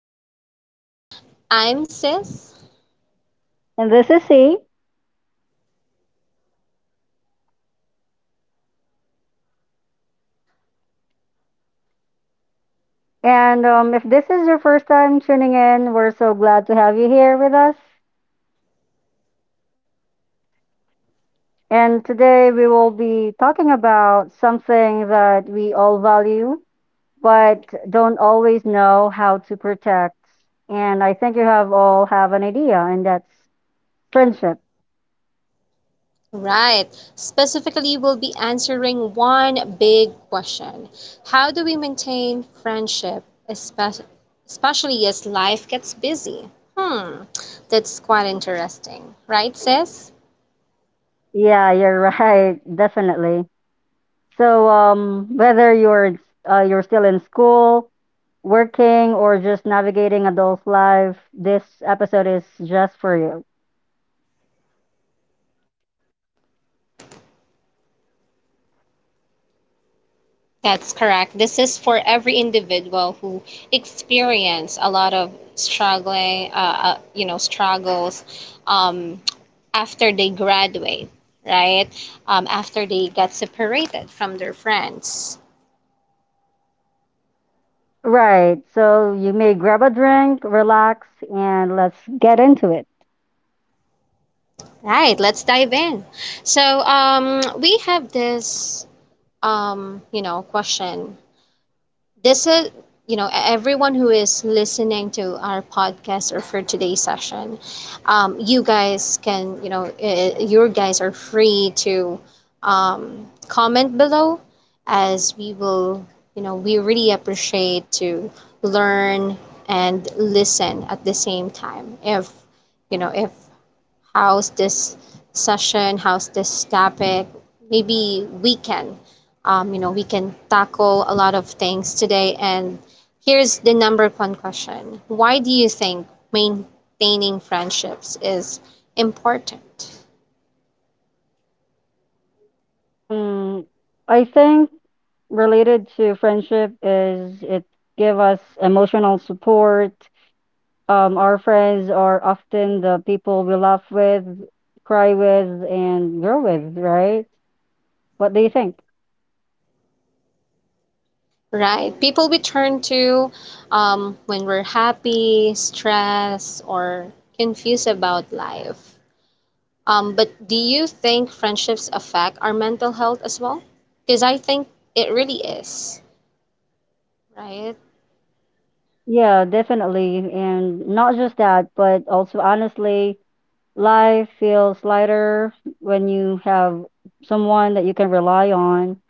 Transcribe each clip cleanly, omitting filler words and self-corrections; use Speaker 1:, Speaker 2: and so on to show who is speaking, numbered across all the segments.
Speaker 1: podcast. I'm Sis.
Speaker 2: And this is C. And if this is your first time tuning in, we're so glad to have you here with us. And today we will be talking about something that we all value, but don't always know how to protect. And I think you have all have an idea, and that's friendship.
Speaker 1: Right. Specifically, we'll be answering one big question. How do we maintain friendship, especially as life gets busy? Hmm, that's quite interesting. Right, Sis?
Speaker 2: Yeah, you're right. Definitely. So whether you're still in school, working, or just navigating adult life, this episode is just for you.
Speaker 1: That's correct. This is for every individual who experience a lot of struggling, struggles um, after they graduate, right? After they got separated from their friends.
Speaker 2: Right. So you may grab a drink, relax, and let's get into it.
Speaker 1: Right, let's dive in. We have this, question. This is everyone who is listening to our podcast or for today's session. You guys can, your guys are free to, comment below, as we will, we really appreciate to learn and listen at the same time, if you know if how's this session, how's this topic. Maybe we can, we can tackle a lot of things today. And here's the number one question. Why do you think maintaining friendships is important?
Speaker 2: Um, I think related to friendship is it give us emotional support. Our friends are often the people we laugh with, cry with, and grow with. Right. What do you think?
Speaker 1: Right? People we turn to when we're happy, stressed, or confused about life. But do you think friendships affect our mental health as well? Because I think it really is, right?
Speaker 2: Yeah, definitely. And not just that, but also honestly, life feels lighter when you have someone that you can rely on.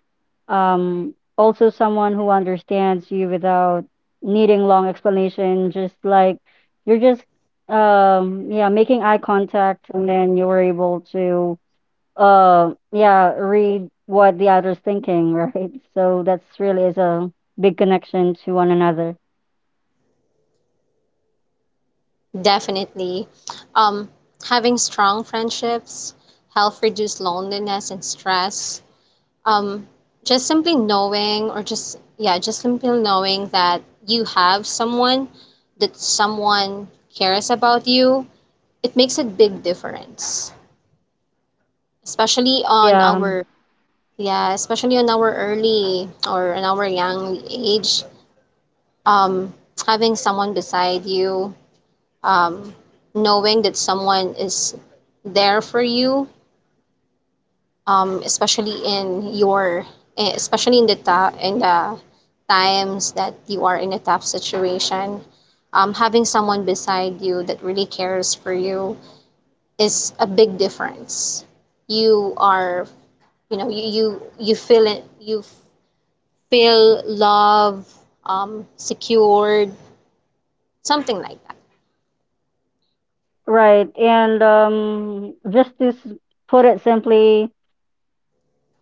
Speaker 2: Also someone who understands you without needing long explanation, just like you're just yeah, making eye contact and then you were able to yeah, read what the other's thinking, right? So that's really is a big connection to one another.
Speaker 1: Definitely. Um, having strong friendships help reduce loneliness and stress. Um, just simply knowing, or just, yeah, just simply knowing that you have someone, that someone cares about you, it makes a big difference, especially on
Speaker 2: Yeah.
Speaker 1: our. Yeah, especially on our early or in our young age, um, having someone beside you, um, knowing that someone is there for you, especially in your, eh, especially in the ta- in the times that you are in a tough situation, having someone beside you that really cares for you is a big difference. You are, you know, you feel it, you feel love, secured, something like that.
Speaker 2: Right. And just to put it simply,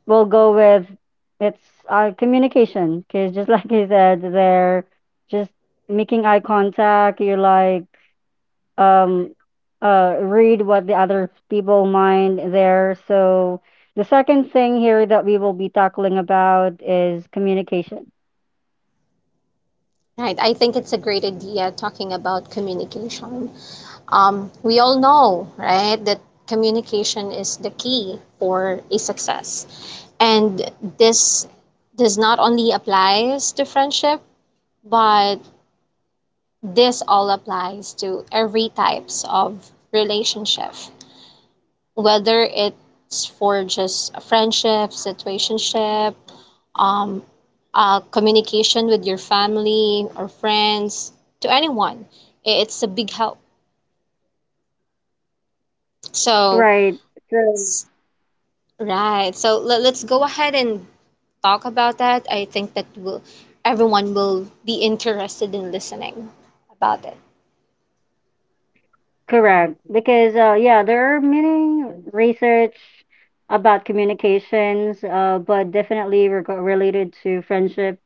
Speaker 2: we'll go with it's communication. Because just like you said, they're just making eye contact. You like um, read what the other people mind there. So the second thing here that we will be tackling about is communication.
Speaker 1: Right. I think it's a great idea talking about communication. We all know, right, that communication is the key for a success. And this does not only applies to friendship, but this all applies to every types of relationship, whether it's for just a friendship, situationship, um, communication with your family or friends to anyone. It's a big help. So,
Speaker 2: Right. So
Speaker 1: right. Let's go ahead and talk about that. I think that will everyone will be interested in listening about it.
Speaker 2: correct. Because there are many research about communications, but definitely reg related to friendship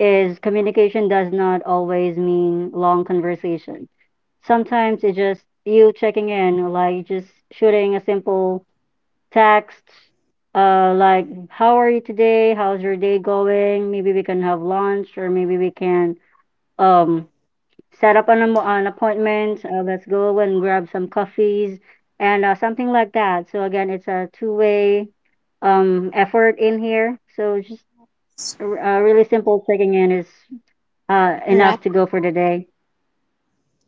Speaker 2: is communication does not always mean long conversation. Sometimes it's just you checking in, like just shooting a simple text, like how are you today? How's your day going? Maybe we can have lunch, or maybe we can um set up an appointment. Let's go and grab some coffees and something like that. So again, it's a two-way effort in here. So just really simple checking in is
Speaker 1: Right.
Speaker 2: enough to go for the day.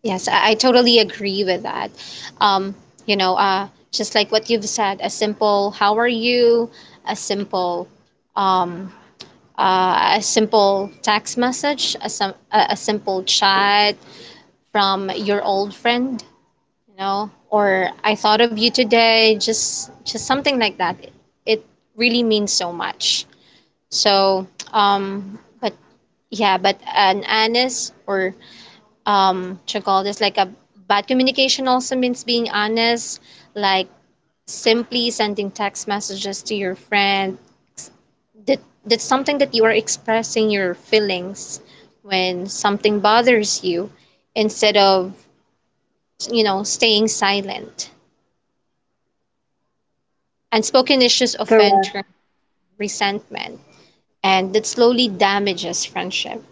Speaker 1: Yes, I totally agree with that. Um, just like what you've said, a simple "How are you?" a simple, um, a simple text message, a simple chat, from your old friend, you know, or I thought of you today, just something like that. It really means so much. So, but yeah, but an honest or what you call this like a bad communication also means being honest, like simply sending text messages to your friend. That that's something that you are expressing your feelings when something bothers you instead of, you know, staying silent. Unspoken issues often
Speaker 2: Correct.
Speaker 1: turn resentment, and that slowly damages friendship.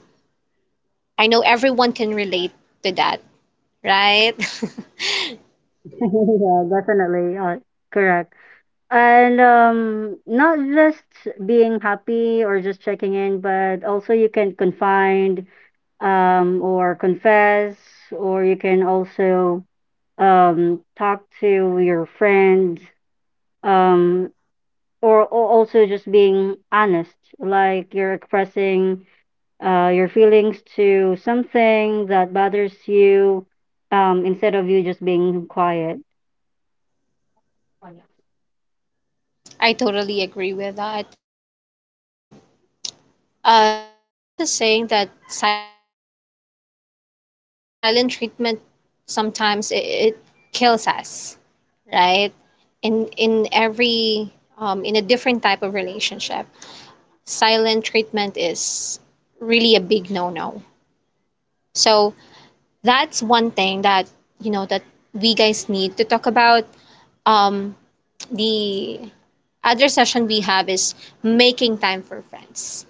Speaker 1: I know everyone can relate to that, right?
Speaker 2: Yeah, definitely. Correct. And not just being happy or just checking in, but also you can confine or confess, or you can also talk to your friends, um, or also just being honest, like you're expressing your feelings to something that bothers you, instead of you just being quiet.
Speaker 1: I totally agree with that. Um, there is a saying that silent treatment sometimes it kills us, right? In a different type of relationship. Silent treatment is really a big no-no. So that's one thing that, that we guys need to talk about. Um, the other session we have is making time for friends.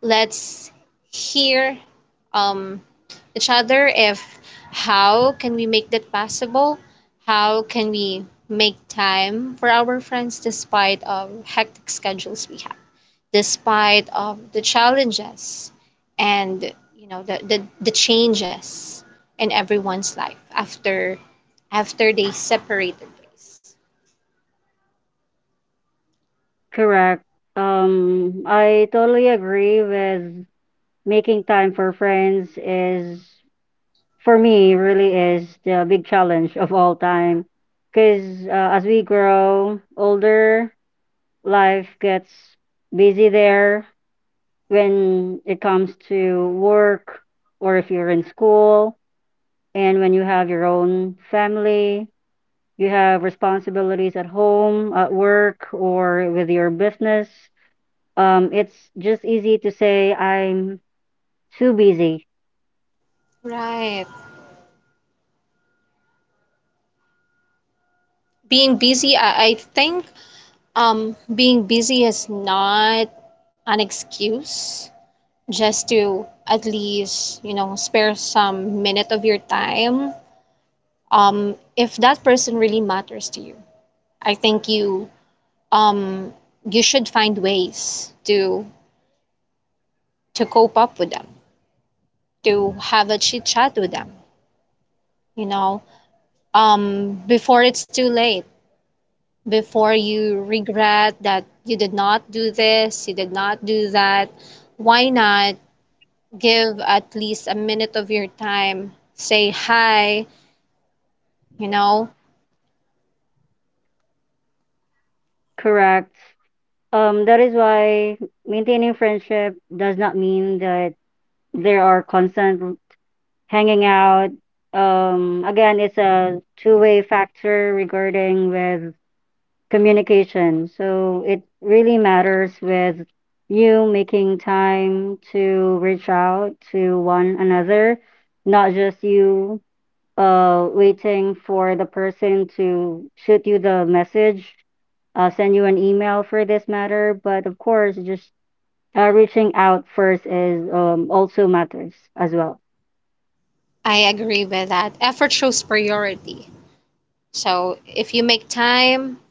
Speaker 1: Let's hear um, each other if how can we make that possible? How can we make time for our friends despite hectic schedules we have? Despite of the challenges and, you know, the, the changes in everyone's life after after they separated ways.
Speaker 2: Correct. I totally agree with making time for friends is for me, really is the big challenge of all time. Because as we grow older, life gets busy there when it comes to work or if you're in school. And when you have your own family, you have responsibilities at home, at work, or with your business. It's just easy to say, I'm too busy,
Speaker 1: Right, being busy, I think being busy is not an excuse. Just to at least, you know, spare some minute of your time, if that person really matters to you, I think you, um you should find ways to cope up with them, to have a chit chat with them, you know, before it's too late, before you regret that you did not do this, you did not do that. Why not give at least a minute of your time? Say hi, you know.
Speaker 2: correct? That is why maintaining friendship does not mean that there are constant hanging out. Again, it's a two-way factor regarding with communication. So it really matters with you making time to reach out to one another, not just you waiting for the person to shoot you the message, send you an email for this matter. But of course, just reaching out first is also matters as well.
Speaker 1: I agree with that. Effort shows priority. So if you make time,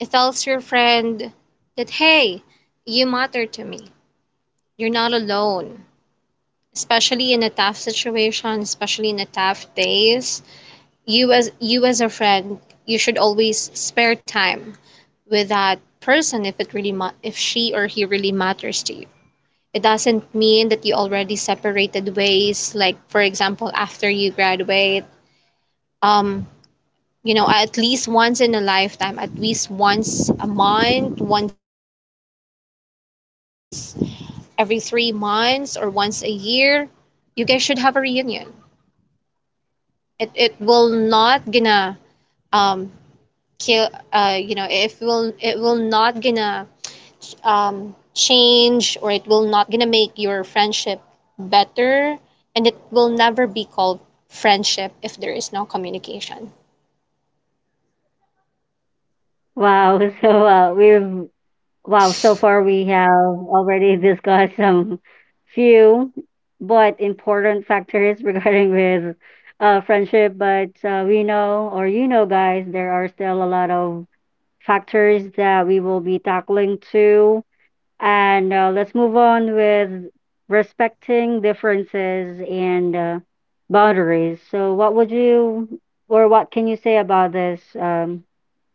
Speaker 1: it tells your friend that, hey, you matter to me. You're not alone. Especially in a tough situation, especially in a tough days, you as a friend, you should always spare time with that person if it really if she or he really matters to you. It doesn't mean that you already separated ways. Like for example, after you graduate, um, you know, at least once in a lifetime, at least once a month, once every 3 months, or once a year, you guys should have a reunion. It will not gonna um kill, you know, if will it will not gonna change, or it will not gonna make your friendship better. And it will never be called friendship if there is no communication.
Speaker 2: Wow. So we've wow. So far, we have already discussed some few but important factors regarding with friendship. But we know, or you know, guys, there are still a lot of factors that we will be tackling too. And let's move on with respecting differences and boundaries. So, what would you or what can you say about this,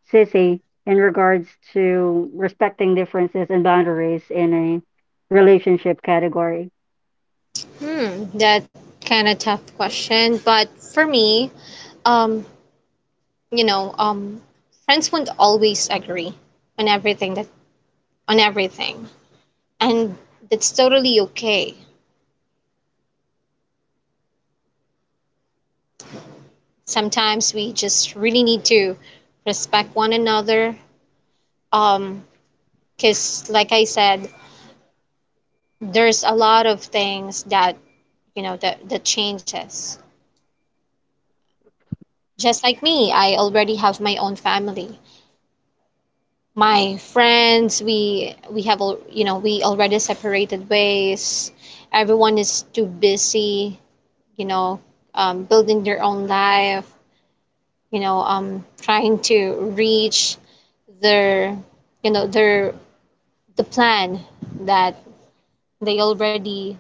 Speaker 2: Sissy, in regards to respecting differences and boundaries in a relationship category?
Speaker 1: That kind of tough question, but for me, um you know, friends won't always agree on everything that on everything, and that's totally okay. Sometimes we just really need to respect one another. Um, because like I said, there's a lot of things that, you know, that that changes. Just like me, I already have my own family. My friends, we have you know, we already separated ways. Everyone is too busy, you know, building their own life, you know, trying to reach their, you know, their the plan that they already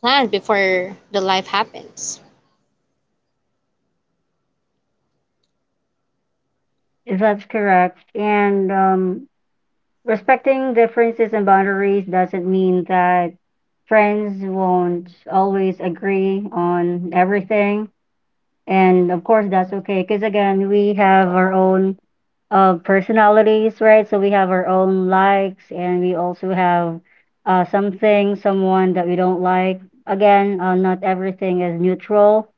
Speaker 1: planned before the life happens.
Speaker 2: If that's correct. And respecting differences and boundaries doesn't mean that friends won't always agree on everything. And of course, that's okay because again, we have our own personalities, right? So we have our own likes, and we also have something, someone that we don't like. Again, not everything is neutral.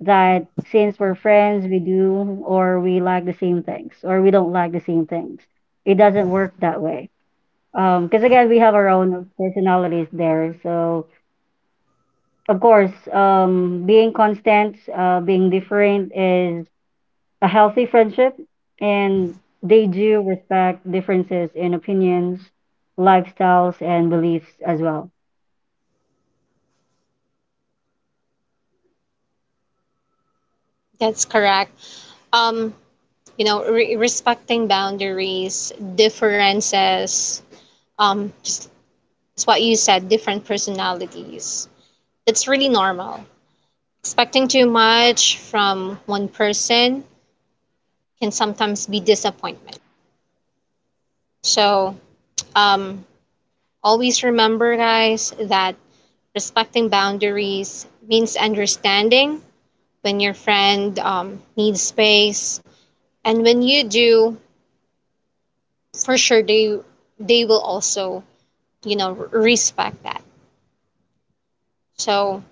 Speaker 2: That since we're friends, we do or we like the same things, or we don't like the same things. It doesn't work that way. Because again, we have our own personalities there. So of course, being different is a healthy friendship and they do respect differences in opinions, lifestyles, and beliefs as well.
Speaker 1: That's correct. Um, respecting boundaries, differences, just it's what you said, different personalities. That's really normal. Expecting too much from one person can sometimes be disappointment. So, um, always remember, guys, that respecting boundaries means understanding when your friend needs space, and when you do, for sure they will also, you know, respect that. So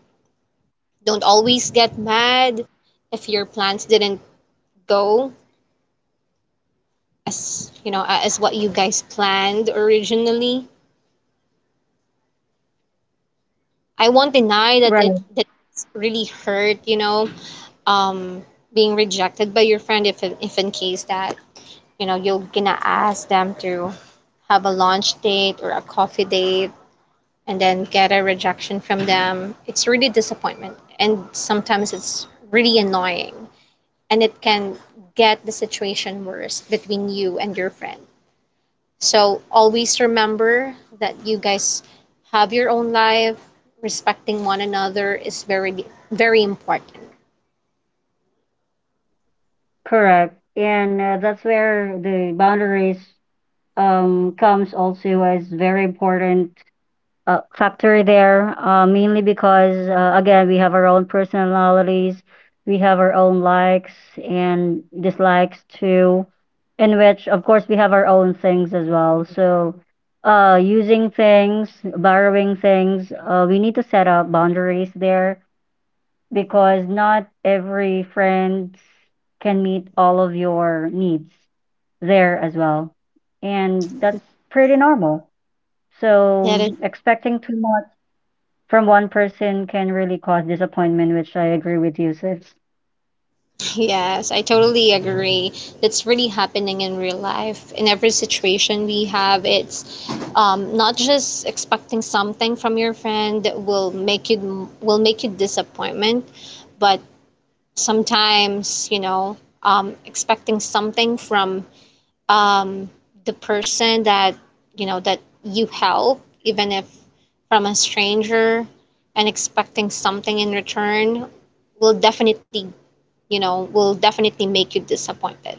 Speaker 1: don't always get mad if your plans didn't go as, you know, as what you guys planned originally. I won't deny that it
Speaker 2: Right.
Speaker 1: that it's really hurt, you know. um being rejected by your friend, if in case that, you know, you're gonna ask them to have a lunch date or a coffee date, and then get a rejection from them, it's really disappointment. And sometimes it's really annoying. And it can get the situation worse between you and your friend. So always remember that you guys have your own life. Respecting one another is very, very important.
Speaker 2: Correct. And that's where the boundaries comes also as very important factor there, mainly because again we have our own personalities, we have our own likes and dislikes too, in which of course we have our own things as well. So, using things, borrowing things, we need to set up boundaries there because not every friend can meet all of your needs there as well, and that's pretty normal.
Speaker 1: That is.
Speaker 2: So expecting too much from one person can really cause disappointment, which I agree with you, sis.
Speaker 1: Yes, I totally agree. That's really happening in real life. In every situation we have, it's not just expecting something from your friend that will make you disappointment, but sometimes, you know, expecting something from um, the person that, you know, that you help, even if from a stranger, and expecting something in return will definitely, you know, will definitely make you disappointed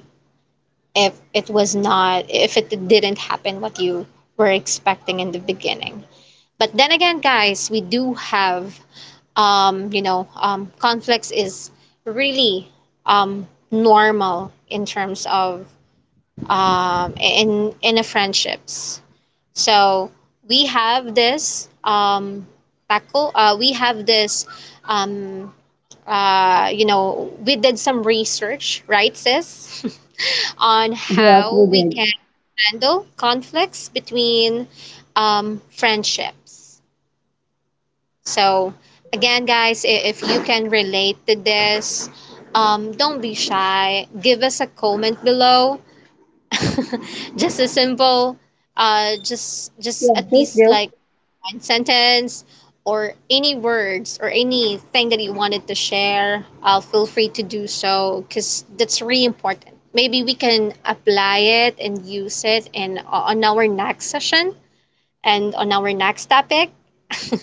Speaker 1: if it was not if it didn't happen what you were expecting in the beginning. But then again, guys, we do have, you know, conflicts is really normal in terms of, in a friendships. So we have this tackle we have this, um you know, we did some research, right, sis, on
Speaker 2: Yes,
Speaker 1: how
Speaker 2: we
Speaker 1: we can
Speaker 2: did.
Speaker 1: handle conflicts between friendships. So, again, guys, if you can relate to this, don't be shy. Give us a comment below. just a simple, just at least like one sentence or any words or anything that you wanted to share, feel free to do so because that's really important. Maybe we can apply it and use it in, on our next session and on our next topic.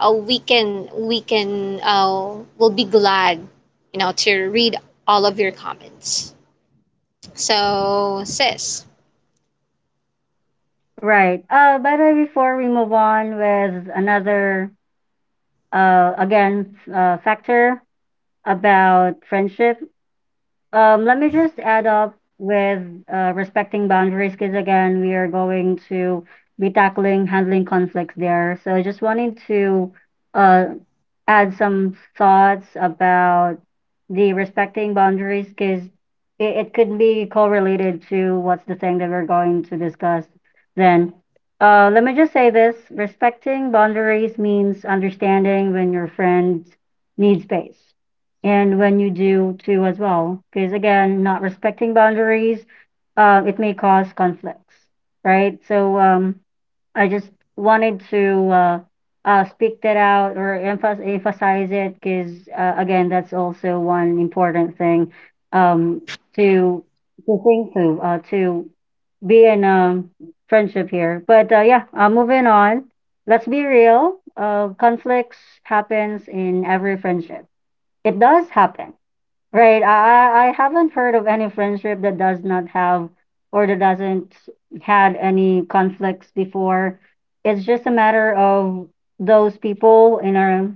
Speaker 1: we can, we'll be glad, you know, to read all of your comments. So sis,
Speaker 2: Right. By the way, before we move on with another, again, factor about friendship, um, let me just add up with respecting boundaries because again, we are going to be tackling handling conflicts there. So I just wanted to uh, add some thoughts about the respecting boundaries because it could be correlated to what's the thing that we're going to discuss then. Let me just say this: respecting boundaries means understanding when your friend needs space and when you do too as well, because again not respecting boundaries, it may cause conflicts, right? So I just wanted to speak that out or emphasize it because again that's also one important thing, um, to think to be in a friendship here. But yeah, moving on, let's be real, conflicts happens in every friendship. It does happen, right? I haven't heard of any friendship that does not have or that doesn't had any conflicts before. It's just a matter of those people in our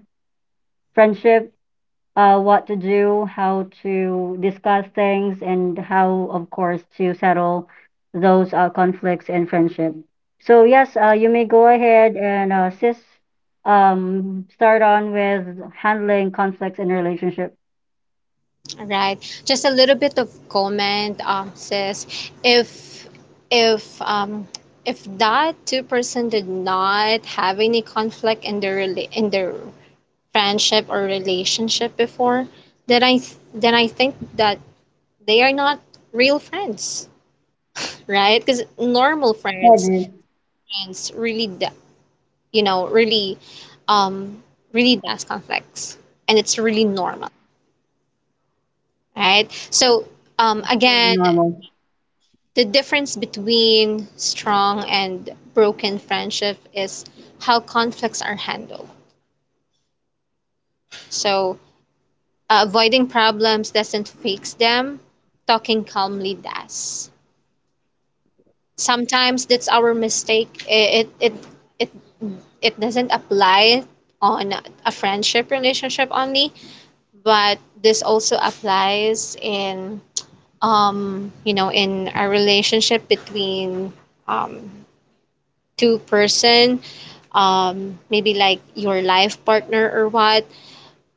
Speaker 2: friendship, what to do, how to discuss things, and how, of course, to settle those conflicts in friendship. So yes, you may go ahead and sis, start on with handling conflicts in a relationship.
Speaker 1: right. Just a little bit of comment, sis. If if um if that two-person did not have any conflict in their in their friendship or relationship before, then then I think that they are not real friends, right? Because normal friends
Speaker 2: Pwede.
Speaker 1: friends really you know, really um really does conflicts, and it's really normal, right? So
Speaker 2: Very
Speaker 1: again.
Speaker 2: normal.
Speaker 1: The difference between strong and broken friendship is how conflicts are handled. So, avoiding problems doesn't fix them, talking calmly does. Sometimes that's our mistake. It, it doesn't apply on a friendship relationship only, but this also applies in, you know, in a relationship between um to person, maybe like your life partner or what,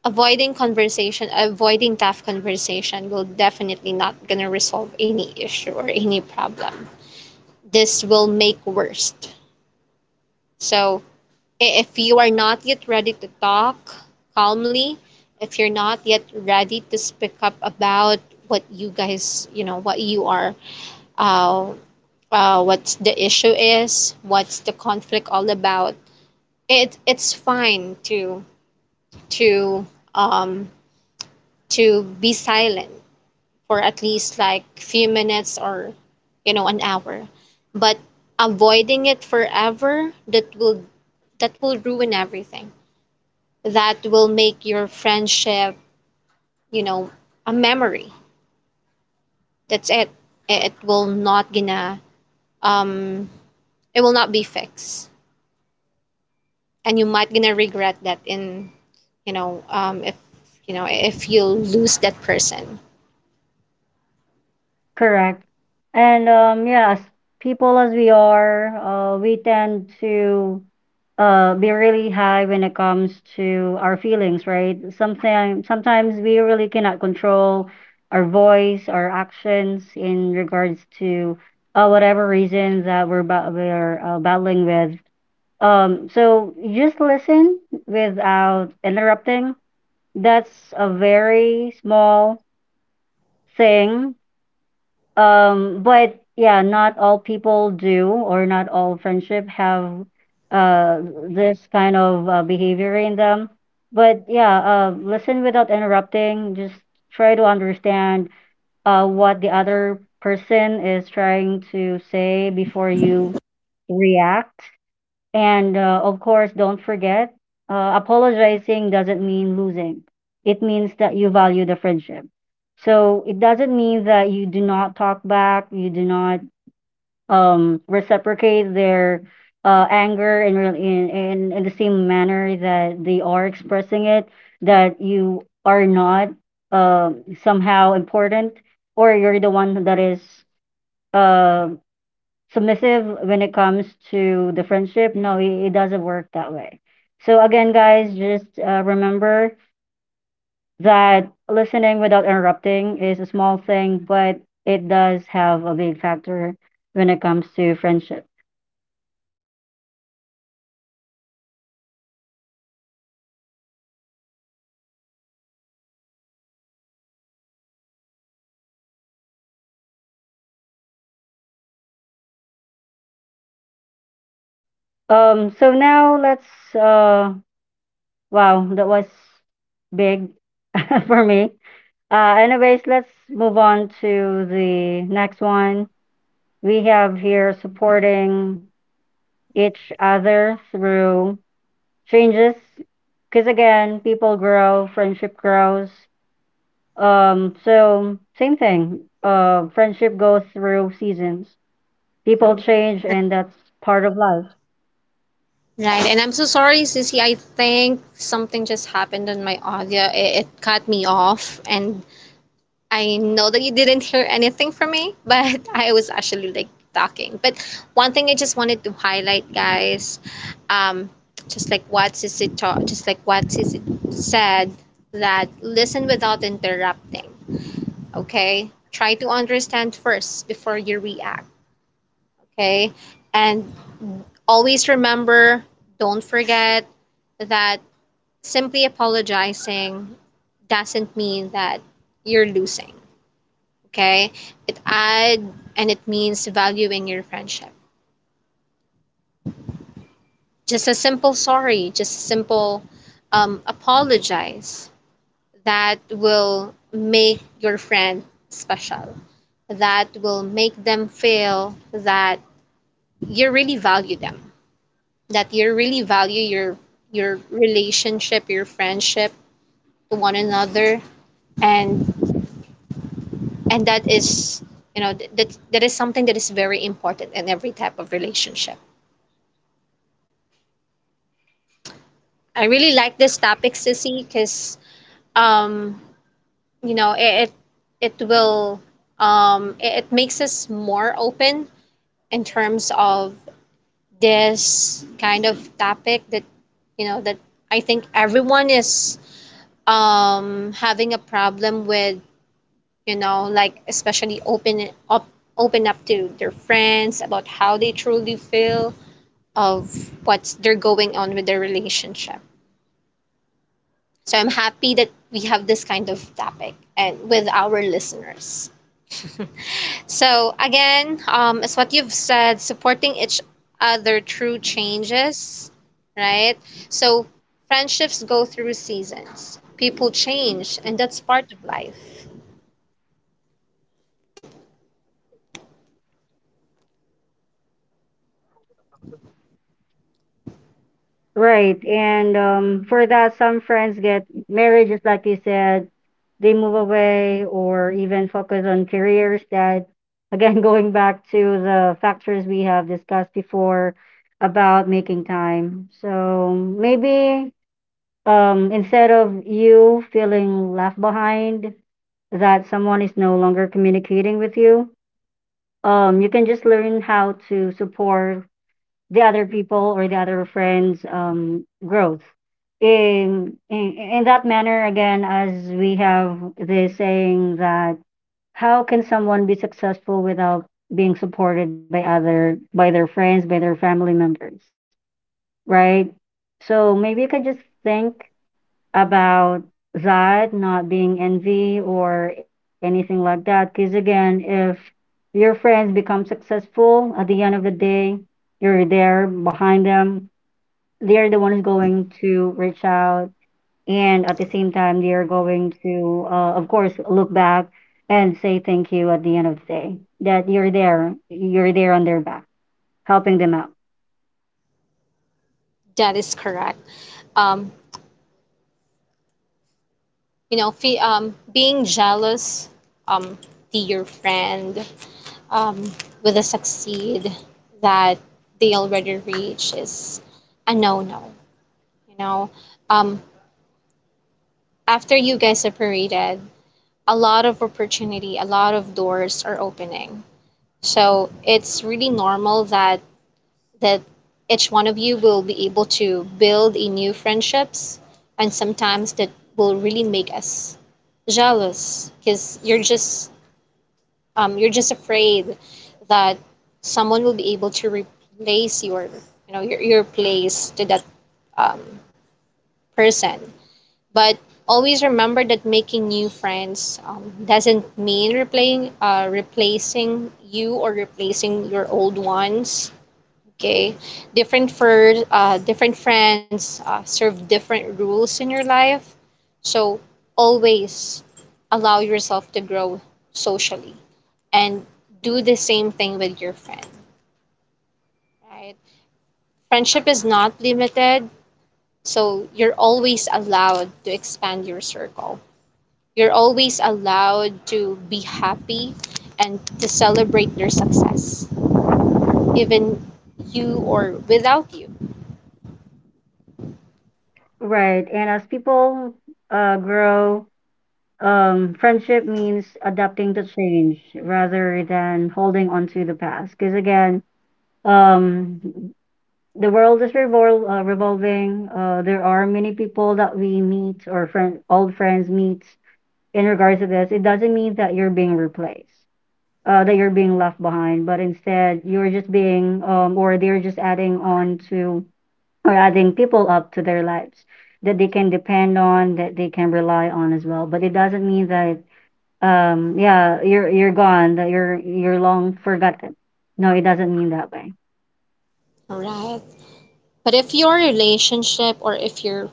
Speaker 1: avoiding conversation, avoiding tough conversation will definitely not gonna resolve any issue or any problem. This will make worst. So if you are not yet ready to talk calmly, if you're not yet ready to speak up about what you guys, what you are, uh, what's the issue is, what's the conflict all about, It's fine to to um to be silent for at least like few minutes or an hour. But avoiding it forever, that will ruin everything. That will make your friendship, you know, a memory. That's it. It will not gonna um it will not be fixed. And you might gonna regret that in you know if if you lose that person.
Speaker 2: Correct. And as people as we are, we tend to be really high when it comes to our feelings, right? Something sometimes we really cannot control our voice, our actions in regards to whatever reason that we're battling with. Um, so just listen without interrupting. That's a very small thing. But yeah, not all people do, or not all friendship have uh this kind of behavior in them. But yeah, listen without interrupting. Just try to understand what the other person is trying to say before you react. And of course, don't forget, apologizing doesn't mean losing. It means that you value the friendship. So it doesn't mean that you do not talk back, you do not reciprocate their anger in, real- in the same manner that they are expressing it. That you are not somehow important, or you're the one that is uh, submissive when it comes to the friendship. No, it doesn't work that way. So again, guys, just remember that listening without interrupting is a small thing, but it does have a big factor when it comes to friendship. So now let's. Uh, wow, that was big for me. Anyways, let's move on to the next one. We have here supporting each other through changes, because again people grow, friendship grows. So same thing, uh, friendship goes through seasons, people change, and that's part of life.
Speaker 1: Right, and I'm so sorry, Sissy. I think something just happened on my audio. It cut me off, and I know that you didn't hear anything from me, but I was actually like talking. But one thing I just wanted to highlight, guys, um, just like what Sissy just like what Sissy said, that listen without interrupting. Okay, try to understand first before you react. Okay. And always remember, don't forget that simply apologizing doesn't mean that you're losing. Okay. It add and it means valuing your friendship. Just a simple sorry, just a simple apologize, that will make your friend special, that will make them feel that you really value them, that you really value your relationship, your friendship to one another, and and that is that is something that is very important in every type of relationship. I really like this topic, Sissy, because um, it will it makes us more open in terms of this kind of topic that that I think everyone is having a problem with, like especially open up to their friends about how they truly feel of what's they're going on with their relationship. So I'm happy that we have this kind of topic and with our listeners. So again, as what you've said, supporting each other through changes, right? So friendships go through seasons. People change, and that's part of life.
Speaker 2: Right. And for that, some friends get married, just like you said, they move away or even focus on careers. That, again, going back to the factors we have discussed before about making time. So maybe, um, instead of you feeling left behind that someone is no longer communicating with you, you can just learn how to support the other people or the other friends' growth. In that manner, again, as we have this saying that how can someone be successful without being supported by other by their friends, by their family members, right? So maybe you can just think about that, not being envy or anything like that. Because again, if your friends become successful at the end of the day, you're there behind them. They're the ones going to reach out, and at the same time, they are going to, of course, look back and say thank you at the end of the day that you're there on their back, helping them out.
Speaker 1: That is correct. Um, being jealous um, to your friend, um, with a succeed that they already reach is a no no. You know, um, after you guys separated, a lot of opportunity, a lot of doors are opening. So it's really normal that that each one of you will be able to build a new friendships, and sometimes that will really make us jealous because you're just afraid that someone will be able to replace your your place to that um, person. But always remember that making new friends doesn't mean replaying, replacing you or replacing your old ones. Okay, different for different friends serve different rules in your life. So always allow yourself to grow socially and do the same thing with your friend. Right? Friendship is not limited, so you're always allowed to expand your circle. You're always allowed to be happy and to celebrate their success, even you or without you.
Speaker 2: Right. And as people grow, um, friendship means adapting to change rather than holding on to the past. Because again, um, the world is revolving. There are many people that we meet or friend, old friends meet in regards to this. It doesn't mean that you're being replaced, that you're being left behind, but instead you're just being, or they're just adding on to or adding people up to their lives that they can depend on, that they can rely on as well. But it doesn't mean that yeah, you're gone, that you're long forgotten. No, it doesn't mean that way.
Speaker 1: All right. But if your relationship or if your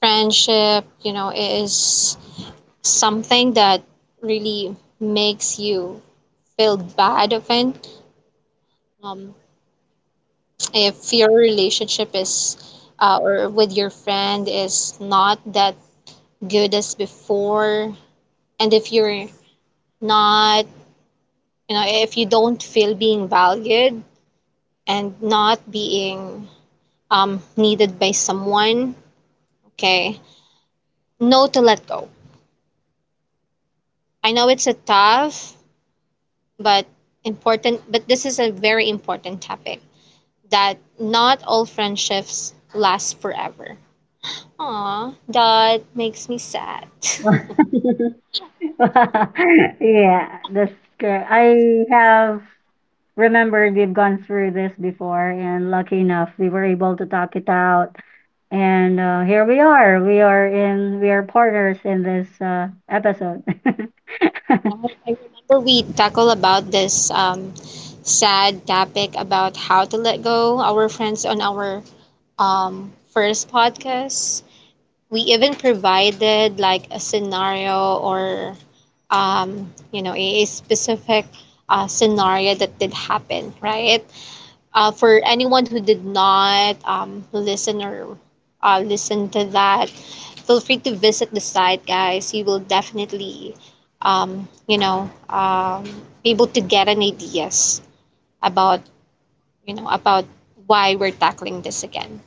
Speaker 1: friendship, is something that really makes you feel bad often, um, if your relationship is or with your friend is not that good as before, and if you're not, if you don't feel being valued and not being needed by someone, okay, no to let go. I know it's a tough but important, but this is a very important topic, that not all friendships last forever. Aw, that makes me sad.
Speaker 2: Yeah, that's correct. I have remembered we've gone through this before, and lucky enough, we were able to talk it out. And here we are. We are in. We are partners in this episode.
Speaker 1: Yeah, I remember we tackle about this sad topic about how to let go our friends on our first podcast. We even provided like a scenario or, a specific scenario that did happen, right? For anyone who did not listen or listen to that, feel free to visit the site, guys. You will definitely, um, you know, um, be able to get an ideas about, about why we're tackling this again.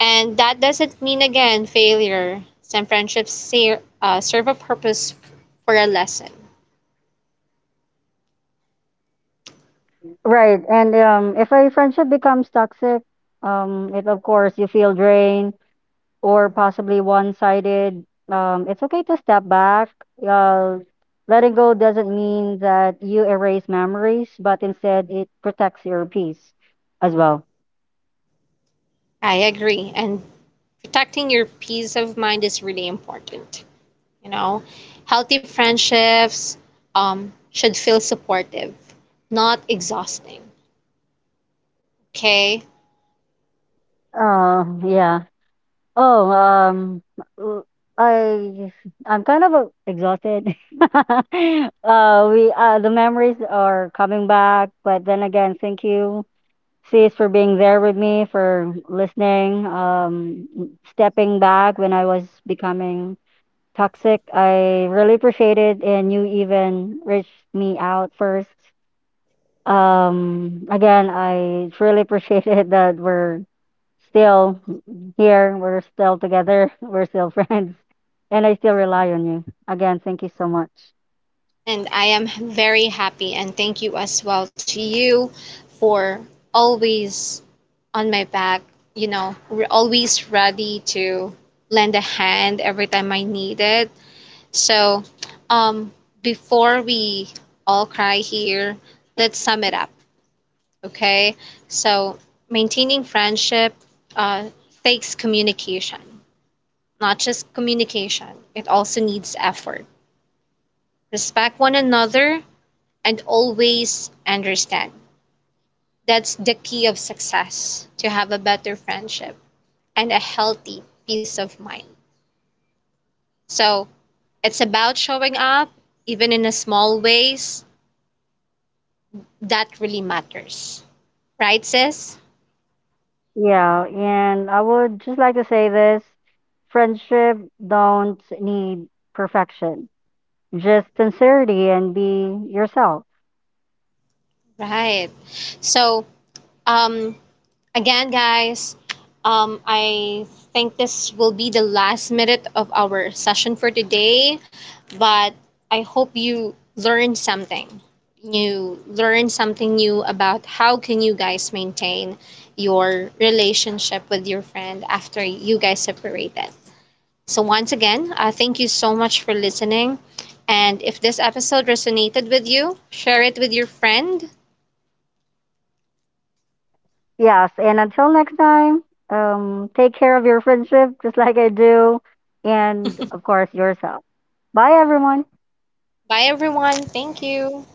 Speaker 1: And that doesn't mean again failure. Some friendships serve a purpose for a lesson.
Speaker 2: Right. And if a friendship becomes toxic, it of course you feel drained, or possibly one-sided, it's okay to step back. Uh, letting go doesn't mean that you erase memories, but instead it protects your peace as well.
Speaker 1: I agree, and protecting your peace of mind is really important. You know, healthy friendships should feel supportive, not exhausting. Okay.
Speaker 2: Yeah. Oh, w- I I'm kind of exhausted. Uh, we the memories are coming back, but then again, thank you, sis, for being there with me, for listening, stepping back when I was becoming toxic. I really appreciate it, and you even reached me out first. Again, I truly appreciate it that we're still here, we're still together, we're still friends, and I still rely on you. Again, thank you so much.
Speaker 1: And I am very happy, and thank you as well to you for always on my back, always ready to lend a hand every time I need it. So, um, before we all cry here, let's sum it up. Okay, so maintaining friendship uh, takes communication. Not just communication, it also needs effort. Respect one another and always understand. That's the key of success to have a better friendship and a healthy peace of mind. So it's about showing up, even in a small ways, that really matters. Right, sis?
Speaker 2: Yeah, and I would just like to say this, friendship don't need perfection. Just sincerity and be yourself.
Speaker 1: Right. So, um, again, guys, I think this will be the last minute of our session for today, but I hope you learned something. You learned something new about how can you guys maintain your relationship with your friend after you guys separated. So once again, thank you so much for listening. And if this episode resonated with you, share it with your friend.
Speaker 2: Yes, and until next time, take care of your friendship just like I do, and of course yourself. Bye, everyone.
Speaker 1: Bye everyone. Thank you.